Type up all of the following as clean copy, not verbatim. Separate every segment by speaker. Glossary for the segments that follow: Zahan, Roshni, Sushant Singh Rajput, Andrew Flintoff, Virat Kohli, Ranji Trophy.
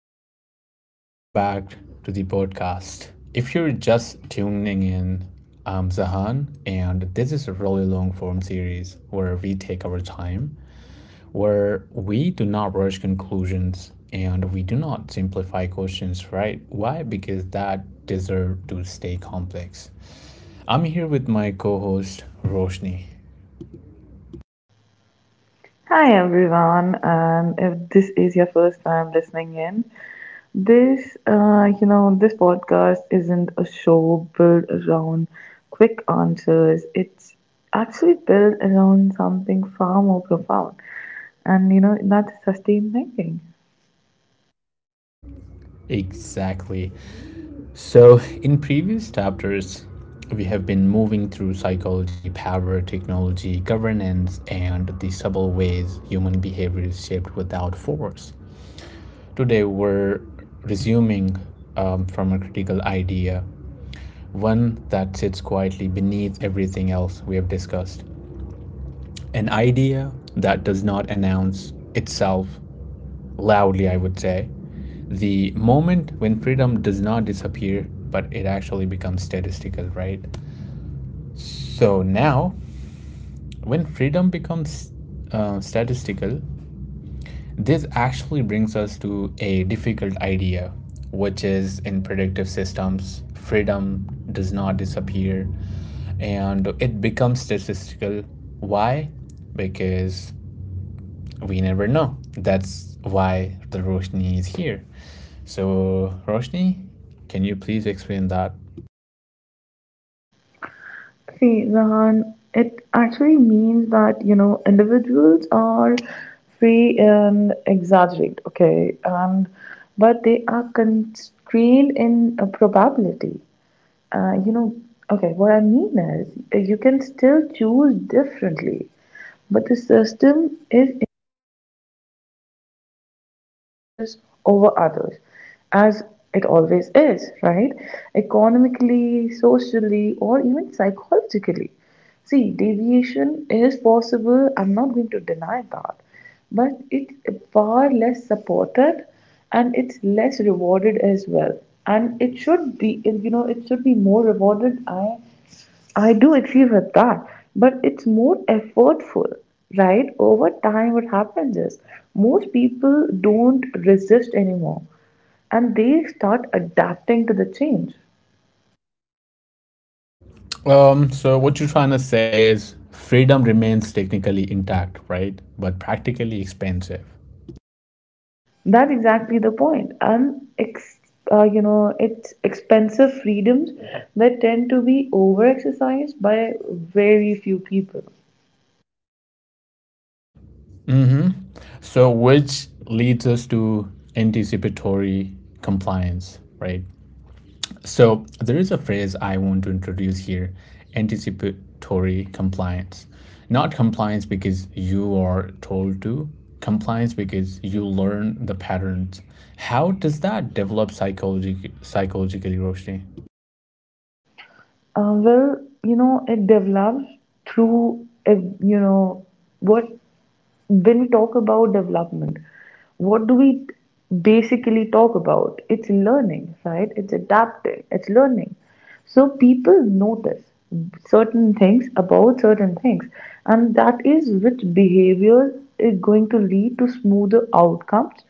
Speaker 1: everyone, welcome back to the podcast. If you're just tuning in, I'm Zahan, and this is a really long form series where we take our time, where we do not rush conclusions and we do not simplify questions, right? Why? Because that deserve to stay complex. I'm here with my co host, Roshni.
Speaker 2: Hi everyone, and if this is your first time listening in, this this podcast isn't a show built around quick answers. It's actually built around something far more profound, and that's sustained thinking.
Speaker 1: Exactly. So, in previous chapters, we have been moving through psychology, power, technology, governance, and the subtle ways human behavior is shaped without force. Today, we're resuming from a critical idea, one that sits quietly beneath everything else we have discussed. An idea that does not announce itself loudly, I would say. The moment when freedom does not disappear, but it actually becomes statistical, right? So now, when freedom becomes statistical, this actually brings us to a difficult idea, which is in predictive systems, freedom does not disappear and it becomes statistical. Why? Because we never know. That's why the Roshni is here. So, Roshni, can you please explain that?
Speaker 2: See, Rahan, it actually means that individuals are free and exaggerate, okay, and but they are constrained in a probability. uh, you know, okay, what I mean is you can still choose differently, but the system is in choices over others, as it always is, right? Economically, socially, or even psychologically. See, deviation is possible, I'm not going to deny that, but it's far less supported and it's less rewarded as well. And it should be, it should be more rewarded. I do agree with that, but it's more effortful, right? Over time, what happens is most people don't resist anymore and they start adapting to the change.
Speaker 1: So what you're trying to say is freedom remains technically intact, right? But practically expensive.
Speaker 2: That's exactly the point. And ex- you know, It's expensive freedoms that tend to be over exercised by very few people.
Speaker 1: Hmm. So which leads us to anticipatory compliance, right? So there is a phrase I want to introduce here, anticipatory compliance. Not compliance because you are told to, compliance because you learn the patterns. How does that develop psychologically, Roshni?
Speaker 2: Uh, well, it develops through, what when we talk about development, what do we basically talk about? It's learning, right? It's adapting, it's learning. So people notice certain things about certain things, and that is which behavior is going to lead to smoother outcomes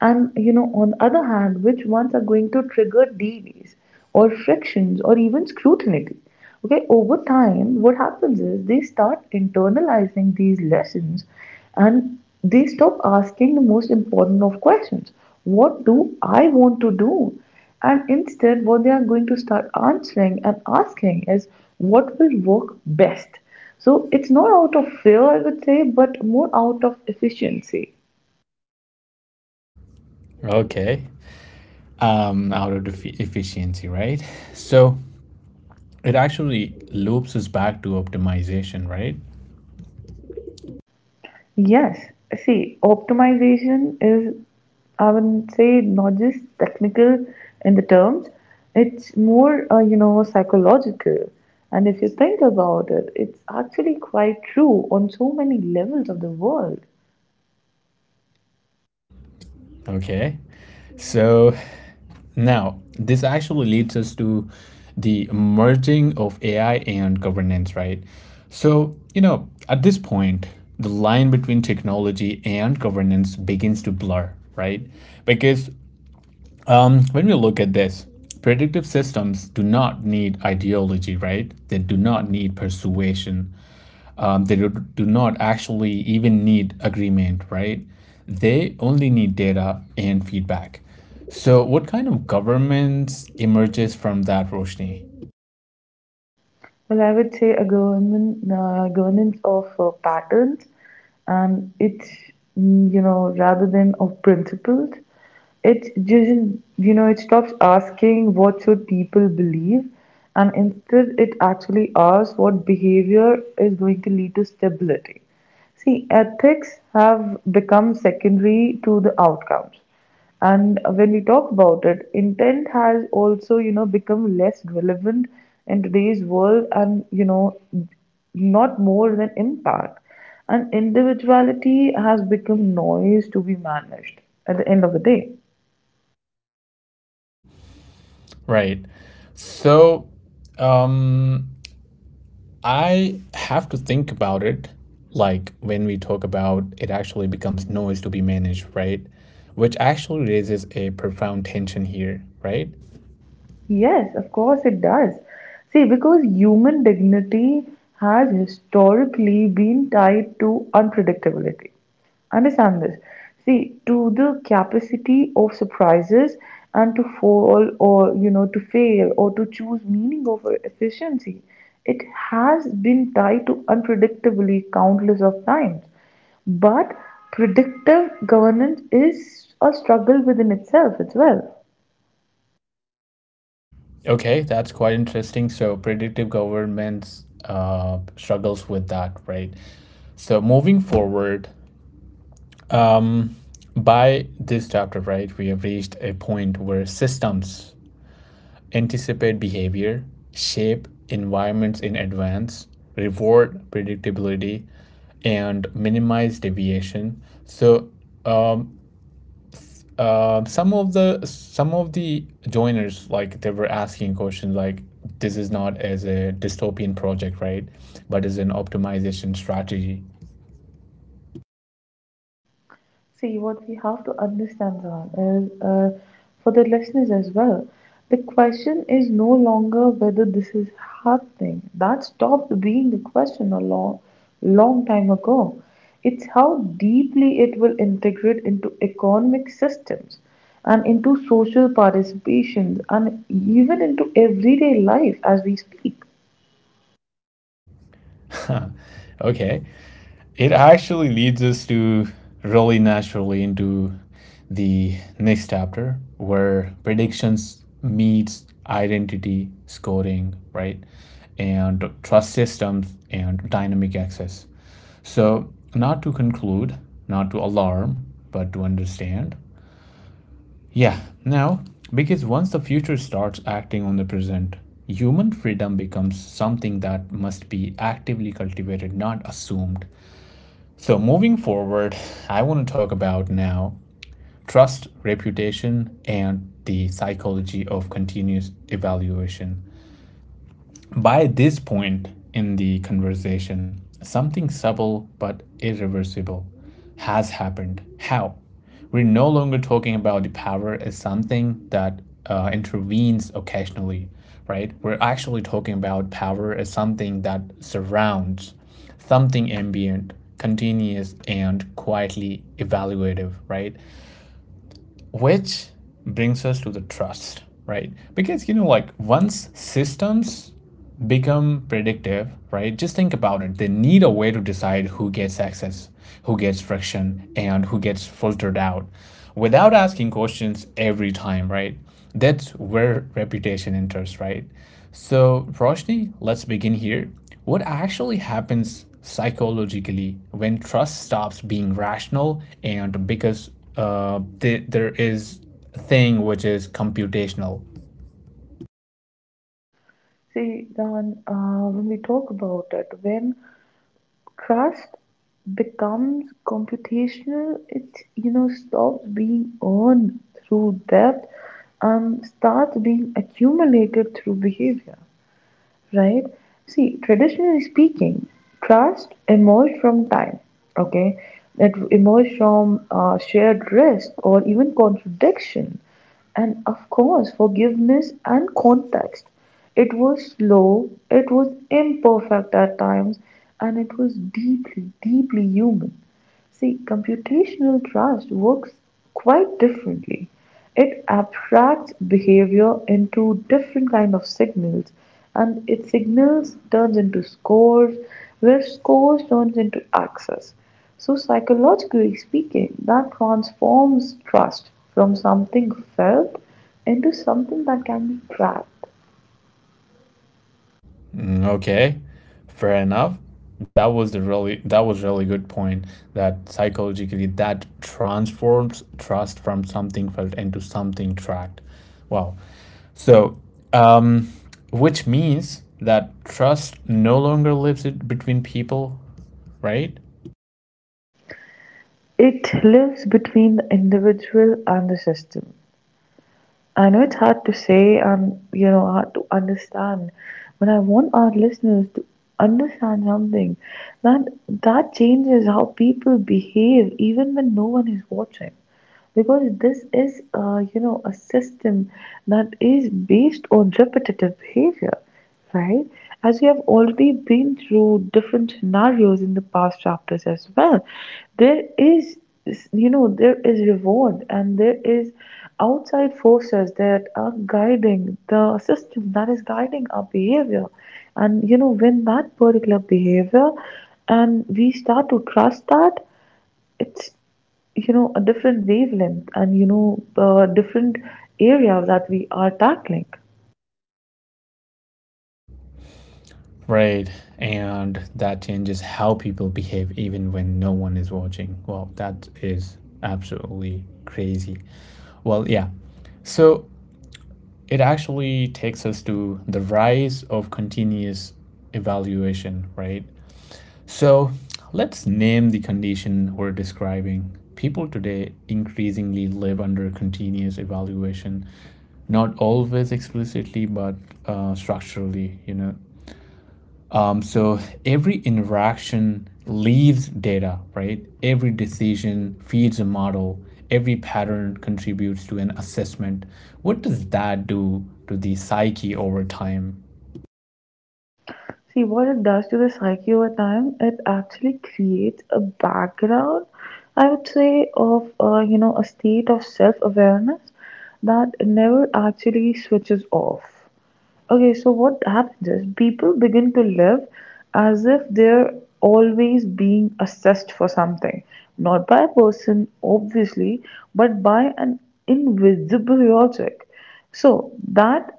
Speaker 2: and on other hand, which ones are going to trigger delays or frictions or even scrutiny. Okay, over time what happens is they start internalizing these lessons, and they stop asking the most important of questions: what do I want to do? And instead what they are going to start answering and asking is what will work best. So it's not out of fear, I would say, but more out of efficiency.
Speaker 1: Okay. Out of efficiency, right? So it actually loops us back to optimization, right?
Speaker 2: Yes. See, optimization is, I would say, not just technical in the terms, it's more, psychological. And if you think about it, it's actually quite true on so many levels of the world.
Speaker 1: Okay. So now this actually leads us to the merging of AI and governance, right? So, you know, at this point, the line between technology and governance begins to blur, right? Because when we look at this, predictive systems do not need ideology, right? They do not need persuasion. Do not actually even need agreement, right? They only need data and feedback. So, what kind of government emerges from that, Roshni?
Speaker 2: Well, I would say a government, governance of patterns, and it's, rather than of principles. It's just, it stops asking what should people believe, and instead it actually asks what behavior is going to lead to stability. See, ethics have become secondary to the outcomes. And when we talk about it, intent has also, become less relevant in today's world and, not more than impact. And individuality has become noise to be managed at the end of the day.
Speaker 1: Right. So, um, I have to think about it. Like when we talk about it, actually becomes noise to be managed, right? Which actually raises a profound tension here, right?
Speaker 2: Yes, of course it does. See, because human dignity has historically been tied to unpredictability. Understand this. See, to the capacity of surprises and to fall or, to fail or to choose meaning over efficiency. It has been tied to unpredictability countless of times. But predictive governance is a struggle within itself as well.
Speaker 1: Okay, that's quite interesting. So predictive governments struggles with that, right? So moving forward, by this chapter, right, we have reached a point where systems anticipate behavior, shape environments in advance, reward predictability, and minimize deviation. So um, some of the joiners like they were asking questions like this is not as a dystopian project, right, but as an optimization strategy.
Speaker 2: See, what we have to understand, Zahan, is for the listeners as well, the question is no longer whether this is happening. That stopped being the question a long, long time ago. It's how deeply it will integrate into economic systems and into social participations, and even into everyday life as we speak.
Speaker 1: Okay, it actually leads us to really naturally into the next chapter where predictions meets identity scoring, right, and trust systems and dynamic access. So, not to conclude, not to alarm, but to understand. Yeah, now, because once the future starts acting on the present, human freedom becomes something that must be actively cultivated, not assumed. So, moving forward, I want to talk about now trust, reputation, and the psychology of continuous evaluation. By this point in the conversation, something subtle but irreversible has happened. How? We're no longer talking about the power as something that intervenes occasionally, right? We're actually talking about power as something that surrounds, something ambient, continuous, and quietly evaluative, right? Which brings us to the trust, right? Because, you know, like once systems become predictive, right? Just think about it. They need a way to decide who gets access, who gets friction, and who gets filtered out without asking questions every time, right? That's where reputation enters, right? So, Roshni, let's begin here. What actually happens psychologically when trust stops being rational and because there is a thing which is computational.
Speaker 2: See, Zahan, when we talk about it, when trust becomes computational. It stops being earned through depth and starts being accumulated through behavior, right? See, traditionally speaking, trust emerged from time, okay? It emerged from shared risk or even contradiction, and of course, forgiveness and context. It was slow, it was imperfect at times, and it was deeply, deeply human. See, computational trust works quite differently. It abstracts behavior into different kind of signals and its signals turns into scores where scores turns into access. So psychologically speaking, that transforms trust from something felt into something that can be tracked.
Speaker 1: Mm. Okay, fair enough. That was the really, that was really good point that psychologically that transforms trust from something felt into something tracked. Wow. So, um, which means that trust no longer lives it between people, right?
Speaker 2: It lives between the individual and the system. I know it's hard to say and hard to understand, but I want our listeners to understand something, that changes how people behave even when no one is watching, because this is a system that is based on repetitive behavior, right? As we have already been through different scenarios in the past chapters as well, there is, there is reward and there is outside forces that are guiding the system that is guiding our behavior. And, when that particular behavior and we start to trust that, it's a different wavelength and different areas that we are tackling.
Speaker 1: Right. And that changes how people behave even when no one is watching. Wow, that is absolutely crazy. Well, yeah. So it actually takes us to the rise of continuous evaluation, right? So let's name the condition we're describing. People today increasingly live under continuous evaluation, not always explicitly, but structurally, you know. So every interaction leaves data, right? Every decision feeds a model. Every pattern contributes to an assessment. What does that do to the psyche over time?
Speaker 2: See what it does to the psyche over time. It actually creates a background, I would say, of a state of self awareness that never actually switches off. Okay, so what happens is people begin to live as if they're always being assessed for something, not by a person, obviously, but by an invisible logic. So that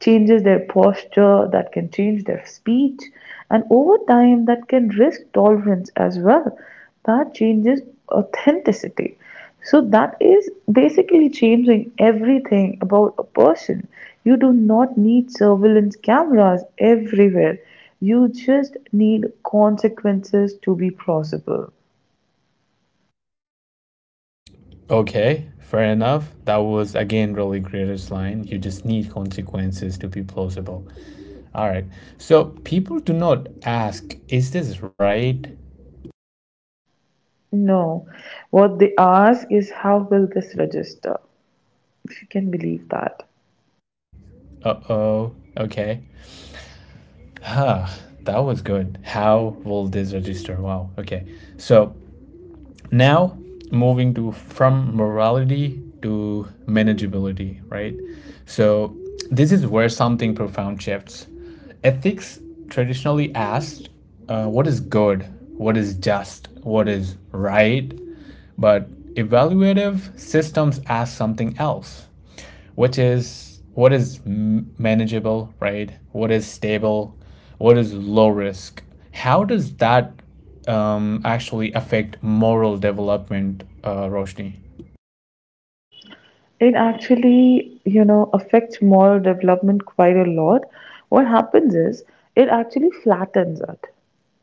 Speaker 2: changes their posture, that can change their speech, and over time, that can risk tolerance as well. That changes authenticity. So that is basically changing everything about a person. You do not need surveillance cameras everywhere. You just need consequences to be possible.
Speaker 1: Okay, fair enough. That was again really greatest line. You just need consequences to be plausible. All right. So people do not ask, is this right?
Speaker 2: No, what they ask is how will this register? If you can believe that.
Speaker 1: Uh oh. Okay. Huh. That was good. How will this register? Wow. Okay. So now, moving to from morality to manageability, right? So this is where something profound shifts. Ethics traditionally asked, what is good, what is just, what is right, but evaluative systems ask something else, which is what is manageable, right? What is stable? What is low risk? How does that actually affect moral development, Roshni?
Speaker 2: It actually, affects moral development quite a lot. What happens is it actually flattens it.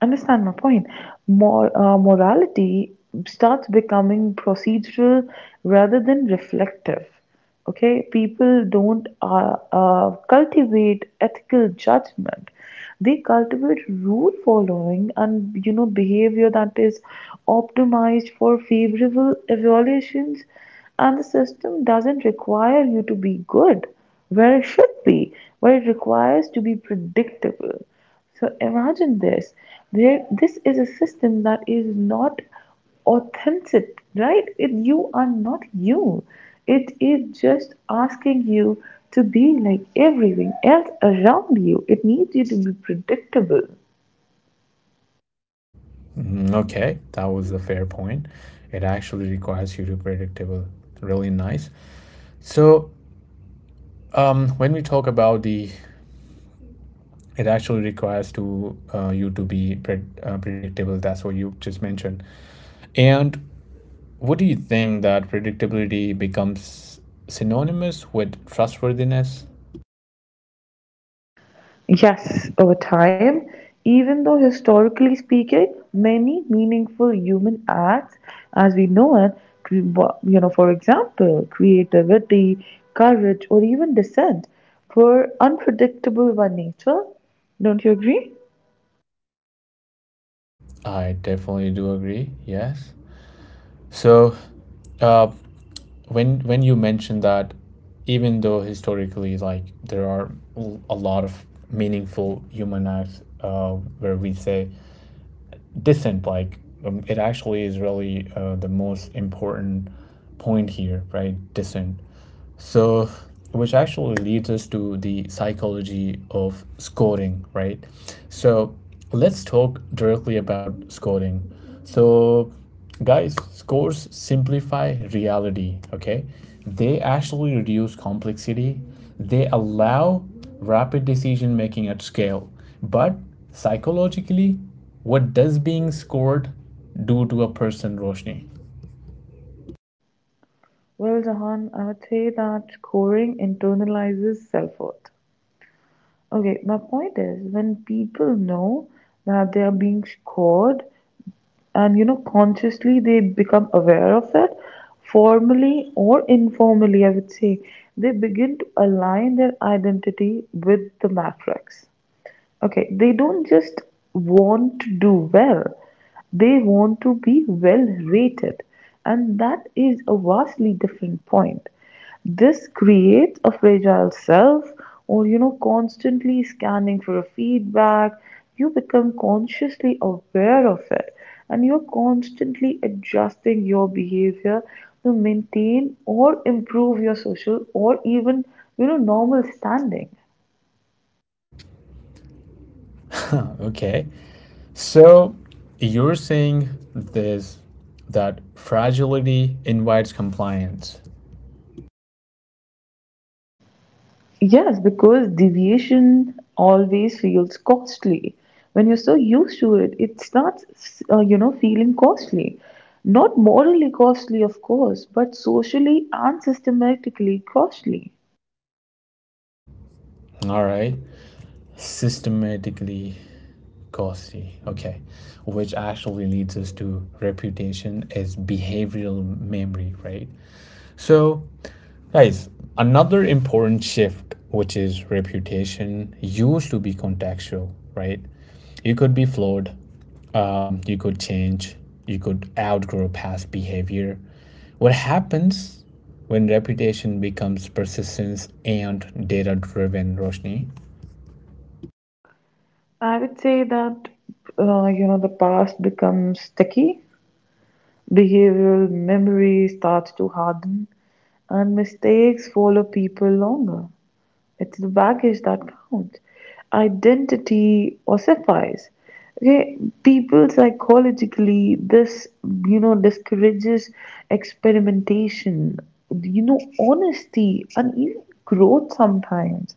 Speaker 2: Understand my point? Morality starts becoming procedural rather than reflective. Okay, people don't cultivate ethical judgment, they cultivate rule following and behavior that is optimized for favorable evaluations, and the system doesn't require you to be good where it should be, where it requires to be predictable. So imagine this, there this is a system that is not authentic, right? It, you are not you. It is just asking you to be like everything else around you. It needs you to be predictable.
Speaker 1: Mm. Okay, that was a fair point. It actually requires you to be predictable. Really nice. So when we talk about the, it actually requires to you to be predictable. That's what you just mentioned. And what do you think that predictability becomes synonymous with trustworthiness?
Speaker 2: Yes, over time, even though historically speaking, many meaningful human acts as we know it, for example, creativity, courage, or even dissent, were unpredictable by nature. Don't you agree?
Speaker 1: I definitely do agree. Yes. So, uh, when you mentioned that, even though historically, like there are a lot of meaningful human acts where we say decent, like it actually is really the most important point here, right? Decent. So, which actually leads us to the psychology of scoring, right? So, let's talk directly about scoring. So, guys, scores simplify reality, okay? They actually reduce complexity, they allow rapid decision making at scale. But psychologically, what does being scored do to a person, Roshni?
Speaker 2: Well, Jahan, I would say that scoring internalizes self worth. Okay, my point is when people know that they are being scored and consciously they become aware of it, formally or informally, I would say, they begin to align their identity with the matrix. Okay, they don't just want to do well, they want to be well rated, and that is a vastly different point. This creates a fragile self, or constantly scanning for a feedback. You become consciously aware of it, and you're constantly adjusting your behavior to maintain or improve your social or even normal standing.
Speaker 1: Okay. So you're saying this, that fragility invites compliance.
Speaker 2: Yes, because deviation always feels costly. When you're so used to it, it starts, feeling costly. Not morally costly, of course, but socially and systematically costly.
Speaker 1: All right. Systematically costly. Okay. Which actually leads us to reputation as behavioral memory, right? So, guys, another important shift, which is reputation, used to be contextual, right? You could be flawed, you could change, you could outgrow past behavior. What happens when reputation becomes persistence and data driven, Roshni?
Speaker 2: I would say that, the past becomes sticky, behavioral memory starts to harden, and mistakes follow people longer. It's the baggage that counts. Identity ossifies. Okay, people psychologically, this discourages experimentation, honesty, and even growth. Sometimes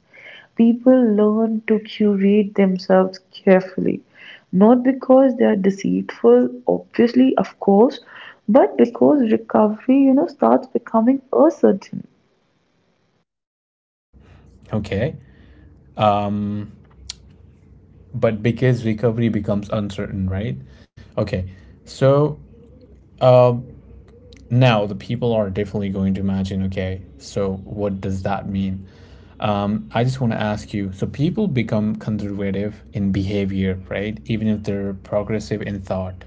Speaker 2: people learn to curate themselves carefully, not because they are deceitful, obviously, of course, but because recovery, starts becoming a certain.
Speaker 1: Okay. Um, but because recovery becomes uncertain, right? Okay. So, um, now the people are definitely going to imagine, okay, so what does that mean? I just want to ask you, so people become conservative in behavior, right, even if they're progressive in thought?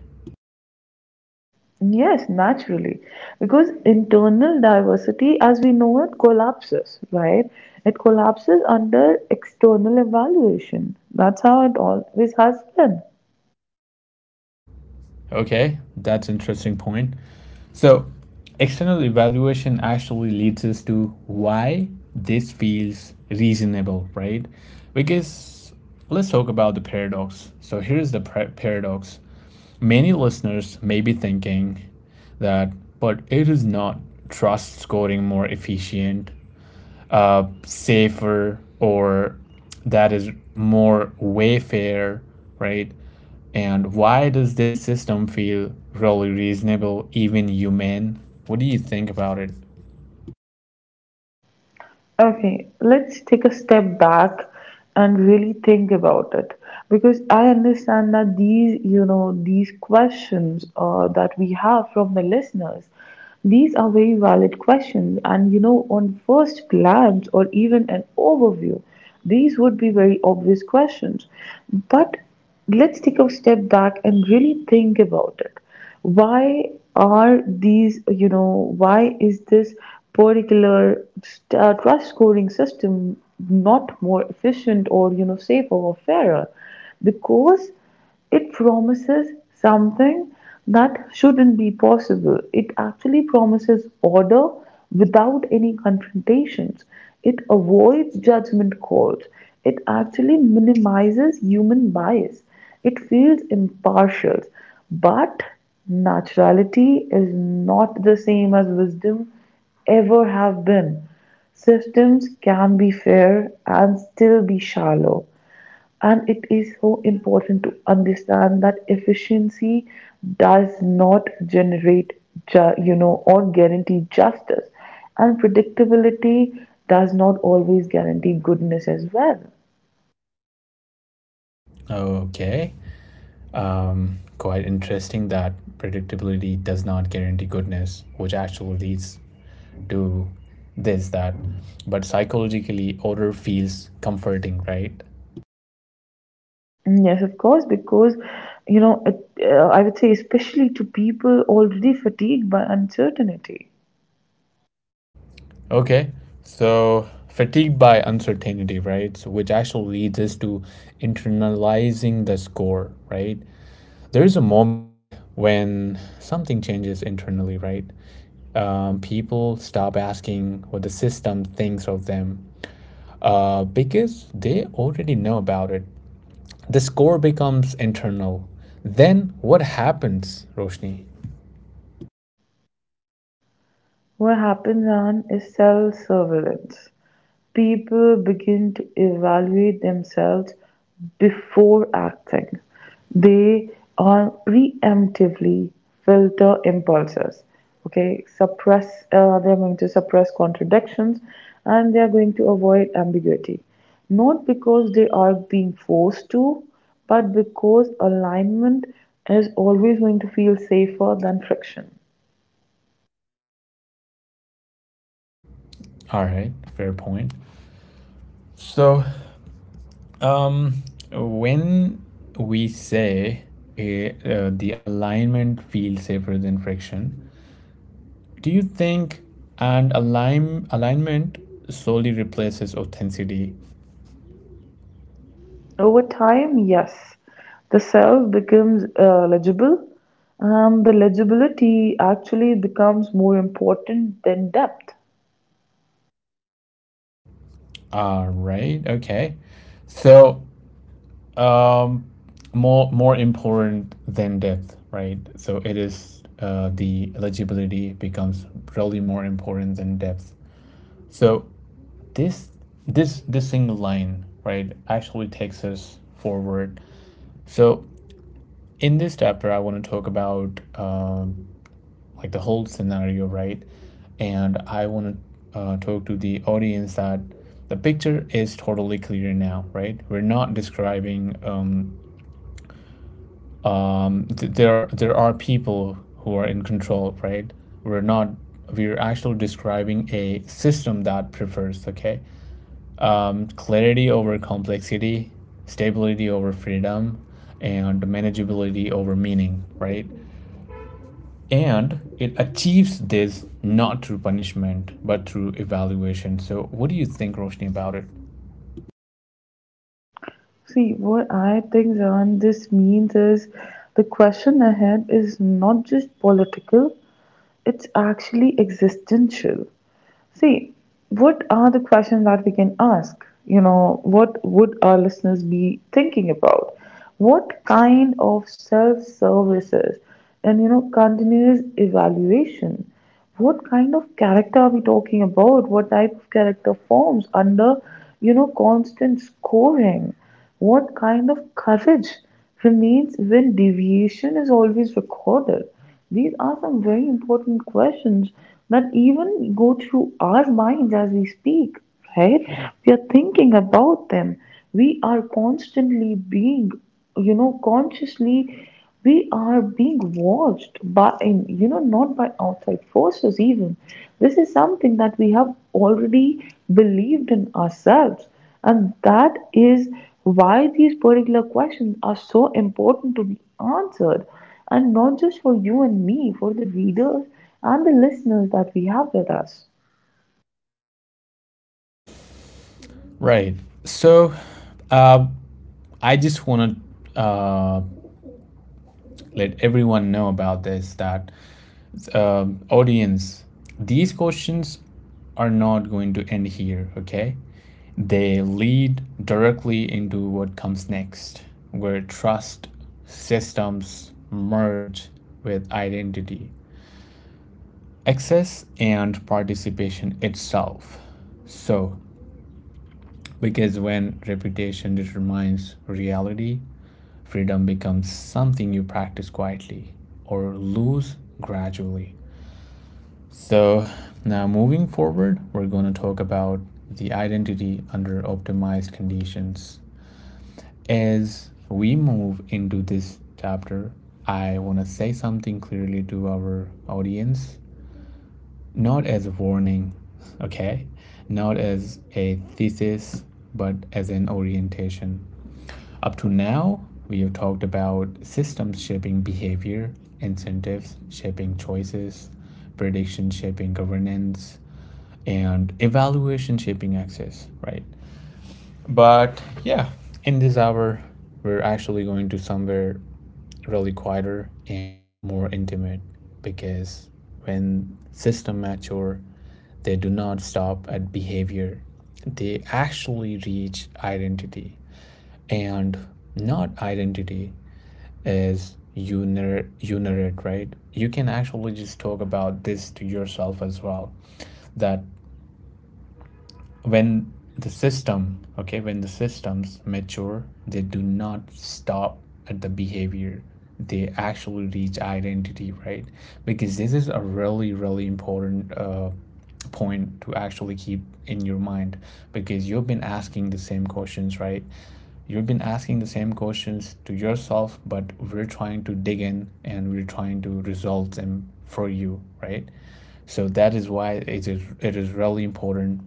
Speaker 2: Yes, naturally. Because internal diversity, as we know it, collapses, right? It collapses under external evaluation. That's how it always has been.
Speaker 1: Okay, that's an interesting point. So, external evaluation actually leads us to why this feels reasonable, right? Because let's talk about the paradox. So, here's the paradox. Many listeners may be thinking that, but it is not trust scoring more efficient, safer, or that is more wayfair, right? And why does this system feel really reasonable, even humane? What do you think about it?
Speaker 2: Okay, let's take a step back and really think about it, because I understand that these, these questions that we have from the listeners, these are very valid questions. And, on first glance or even an overview, these would be very obvious questions. But let's take a step back and really think about it, why are these why is this particular trust scoring system not more efficient or safer or fairer, because it promises something that shouldn't be possible. It actually promises order without any confrontations. It avoids judgment calls. It actually minimizes human bias. It feels impartial. But naturality is not the same as wisdom ever have been. Systems can be fair and still be shallow. And it is so important to understand that efficiency does not generate, or guarantee justice. And predictability does not always guarantee goodness as well.
Speaker 1: Okay, quite interesting that predictability does not guarantee goodness, which actually leads to this that. But psychologically, order feels comforting, right?
Speaker 2: Mm. Yes, of course, because it, I would say, especially to people already fatigued by uncertainty.
Speaker 1: Okay, so fatigue by uncertainty, right? So which actually leads us to internalizing the score, right? There is a moment when something changes internally, right? People stop asking what the system thinks of them because they already know about it. The score becomes internal. Then what happens, Roshni?
Speaker 2: What happens on is self surveillance. People begin to evaluate themselves before acting. They are preemptively filter impulses. Okay, suppress. They are going to suppress contradictions, and they are going to avoid ambiguity. Not because they are being forced to, but because alignment is always going to feel safer than friction.
Speaker 1: All right, fair point. So Um, when we say the alignment feels safer than friction, do you think and align alignment solely replaces authenticity?
Speaker 2: Over time, yes, the self becomes legible. The legibility actually becomes more important than depth.
Speaker 1: Ah, right. Okay. So, um, more important than depth, right? So it is the eligibility becomes really more important than depth. So this this single line, right, actually takes us forward. So in this chapter I want to talk about like the whole scenario, right, and I want to talk to the audience that the picture is totally clear now, right? We're not describing there there are people who are in control, right? We're not, we're actually describing a system that prefers, okay, clarity over complexity, stability over freedom, and manageability over meaning, right? And it achieves this not through punishment, but through evaluation. So, what do you think, Roshni, about it?
Speaker 2: See, what I think, John, this means is the question ahead is not just political, it's actually existential. See, what are the questions that we can ask? You know what would our listeners be thinking about? What kind of self services and, continuous evaluation? What kind of character are we talking about? What type of character forms under, constant scoring? What kind of courage remains when deviation is always recorded? These are some very important questions that even go through our minds as we speak, right? We are thinking about them. We are constantly being, consciously, we are being watched by, not by outside forces even. This is something that we have already believed in ourselves. And that is why these particular questions are so important to be answered, and not just for you and me, for the readers and the listeners that we have with us.
Speaker 1: Right. So, uh, I just want to let everyone know about this that, audience, these questions are not going to end here, okay? They lead directly into what comes next, where trust systems merge with identity, access, and participation itself. So, because when reputation determines reality, freedom becomes something you practice quietly or lose gradually. So, now moving forward, we're going to talk about the identity under optimized conditions. As we move into this chapter, I want to say something clearly to our audience, not as a warning, okay? Not as a thesis, but as an orientation. Up to now, we have talked about systems shaping behavior, incentives shaping choices, prediction shaping governance, and evaluation shaping access, right? But yeah, in this hour, we're actually going to somewhere really quieter and more intimate because when systems mature, they do not stop at behavior. They actually reach identity. And not identity is uner unit, right? You can actually just talk about this to yourself as well. That when the systems mature, they do not stop at the behavior, they actually reach identity, right? Because this is a really really important point to actually keep in your mind, because you've been asking the same questions, right? You've been asking the same questions to yourself, but we're trying to dig in and we're trying to resolve them for you, right? So that is why it is really important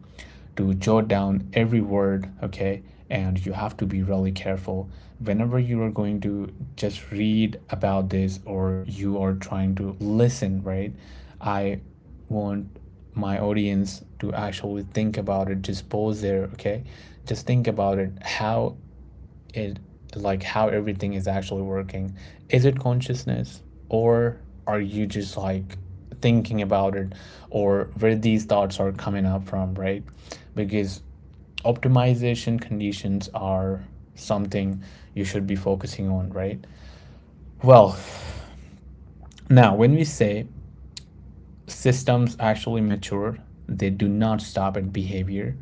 Speaker 1: to jot down every word, okay? And you have to be really careful whenever you are going to just read about this or you are trying to listen, right? I want my audience to actually think about it, just pause there, okay? Just think about it. How it, like how everything is actually working. Is it consciousness or are you just like thinking about it, or where these thoughts are coming up from, right? Because optimization conditions are something you should be focusing on, right? Well, now when we say systems actually mature, they do not stop at behavior,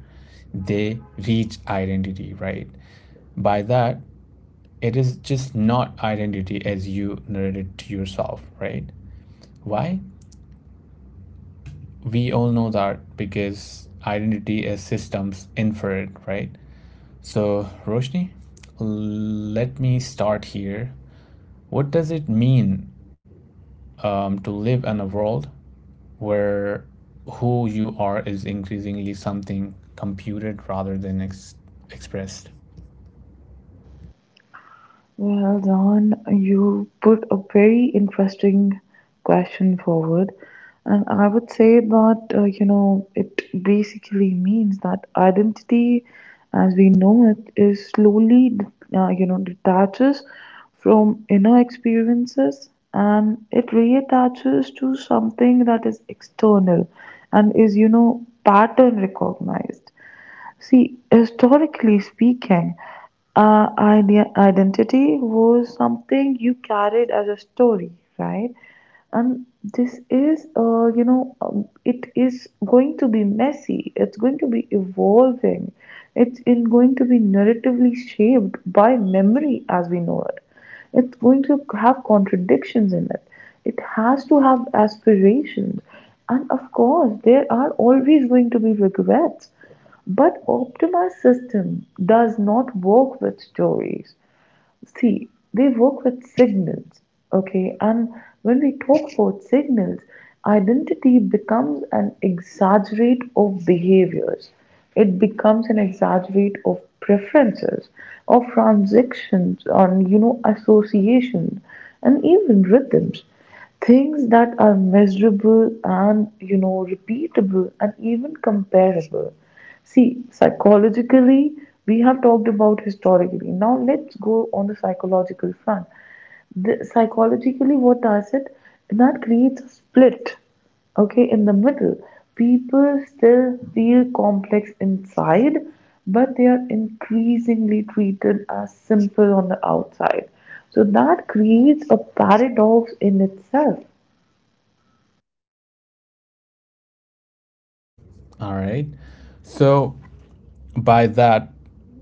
Speaker 1: they reach identity, right? By that, it is just not identity as you narrate it to yourself, right? Why? We all know that, because identity as systems infer it, right? So, Roshni, let me start here. What does it mean to live in a world where who you are is increasingly something computed rather than expressed?
Speaker 2: Well, Don, you put a very interesting question forward, and I would say that it basically means that identity, as we know it, is slowly detaches from inner experiences and it reattaches to something that is external and is pattern recognized. See, historically speaking, identity was something you carried as a story, right? And this is, it is going to be messy. It's going to be evolving. It's in going to be narratively shaped by memory as we know it. It's going to have contradictions in it. It has to have aspirations. And of course, there are always going to be regrets. But optimized system does not work with stories. See, they work with signals, okay? And when we talk about signals, identity becomes an exaggerate of behaviors. It becomes an exaggerate of preferences, of transactions, on associations, and even rhythms. Things that are measurable and, repeatable and even comparable. See, psychologically, we have talked about historically. Now let's go on the psychological front, the, psychologically what does it, that creates a split, okay, in the middle people still feel complex inside, but they are increasingly treated as simple on the outside, so that creates a paradox in itself.
Speaker 1: All right. So, by that,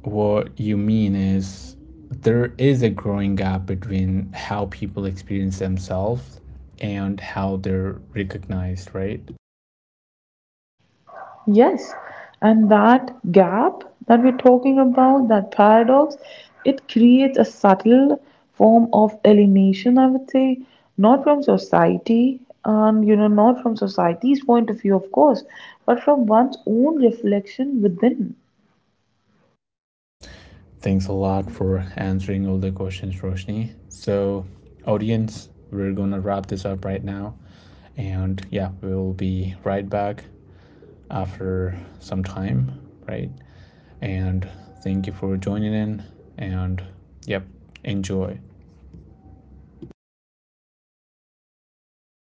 Speaker 1: what you mean is there is a growing gap between how people experience themselves and how they're recognized, right?
Speaker 2: Yes, and that gap that we're talking about, that paradox, it creates a subtle form of alienation, I would say, not from society, and not from society's point of view, of course, but from one's own reflection within.
Speaker 1: Thanks a lot for answering all the questions, Roshni. So, audience, we're gonna wrap this up right now. And yeah, we'll be right back after some time, right? And thank you for joining in. And yep, enjoy.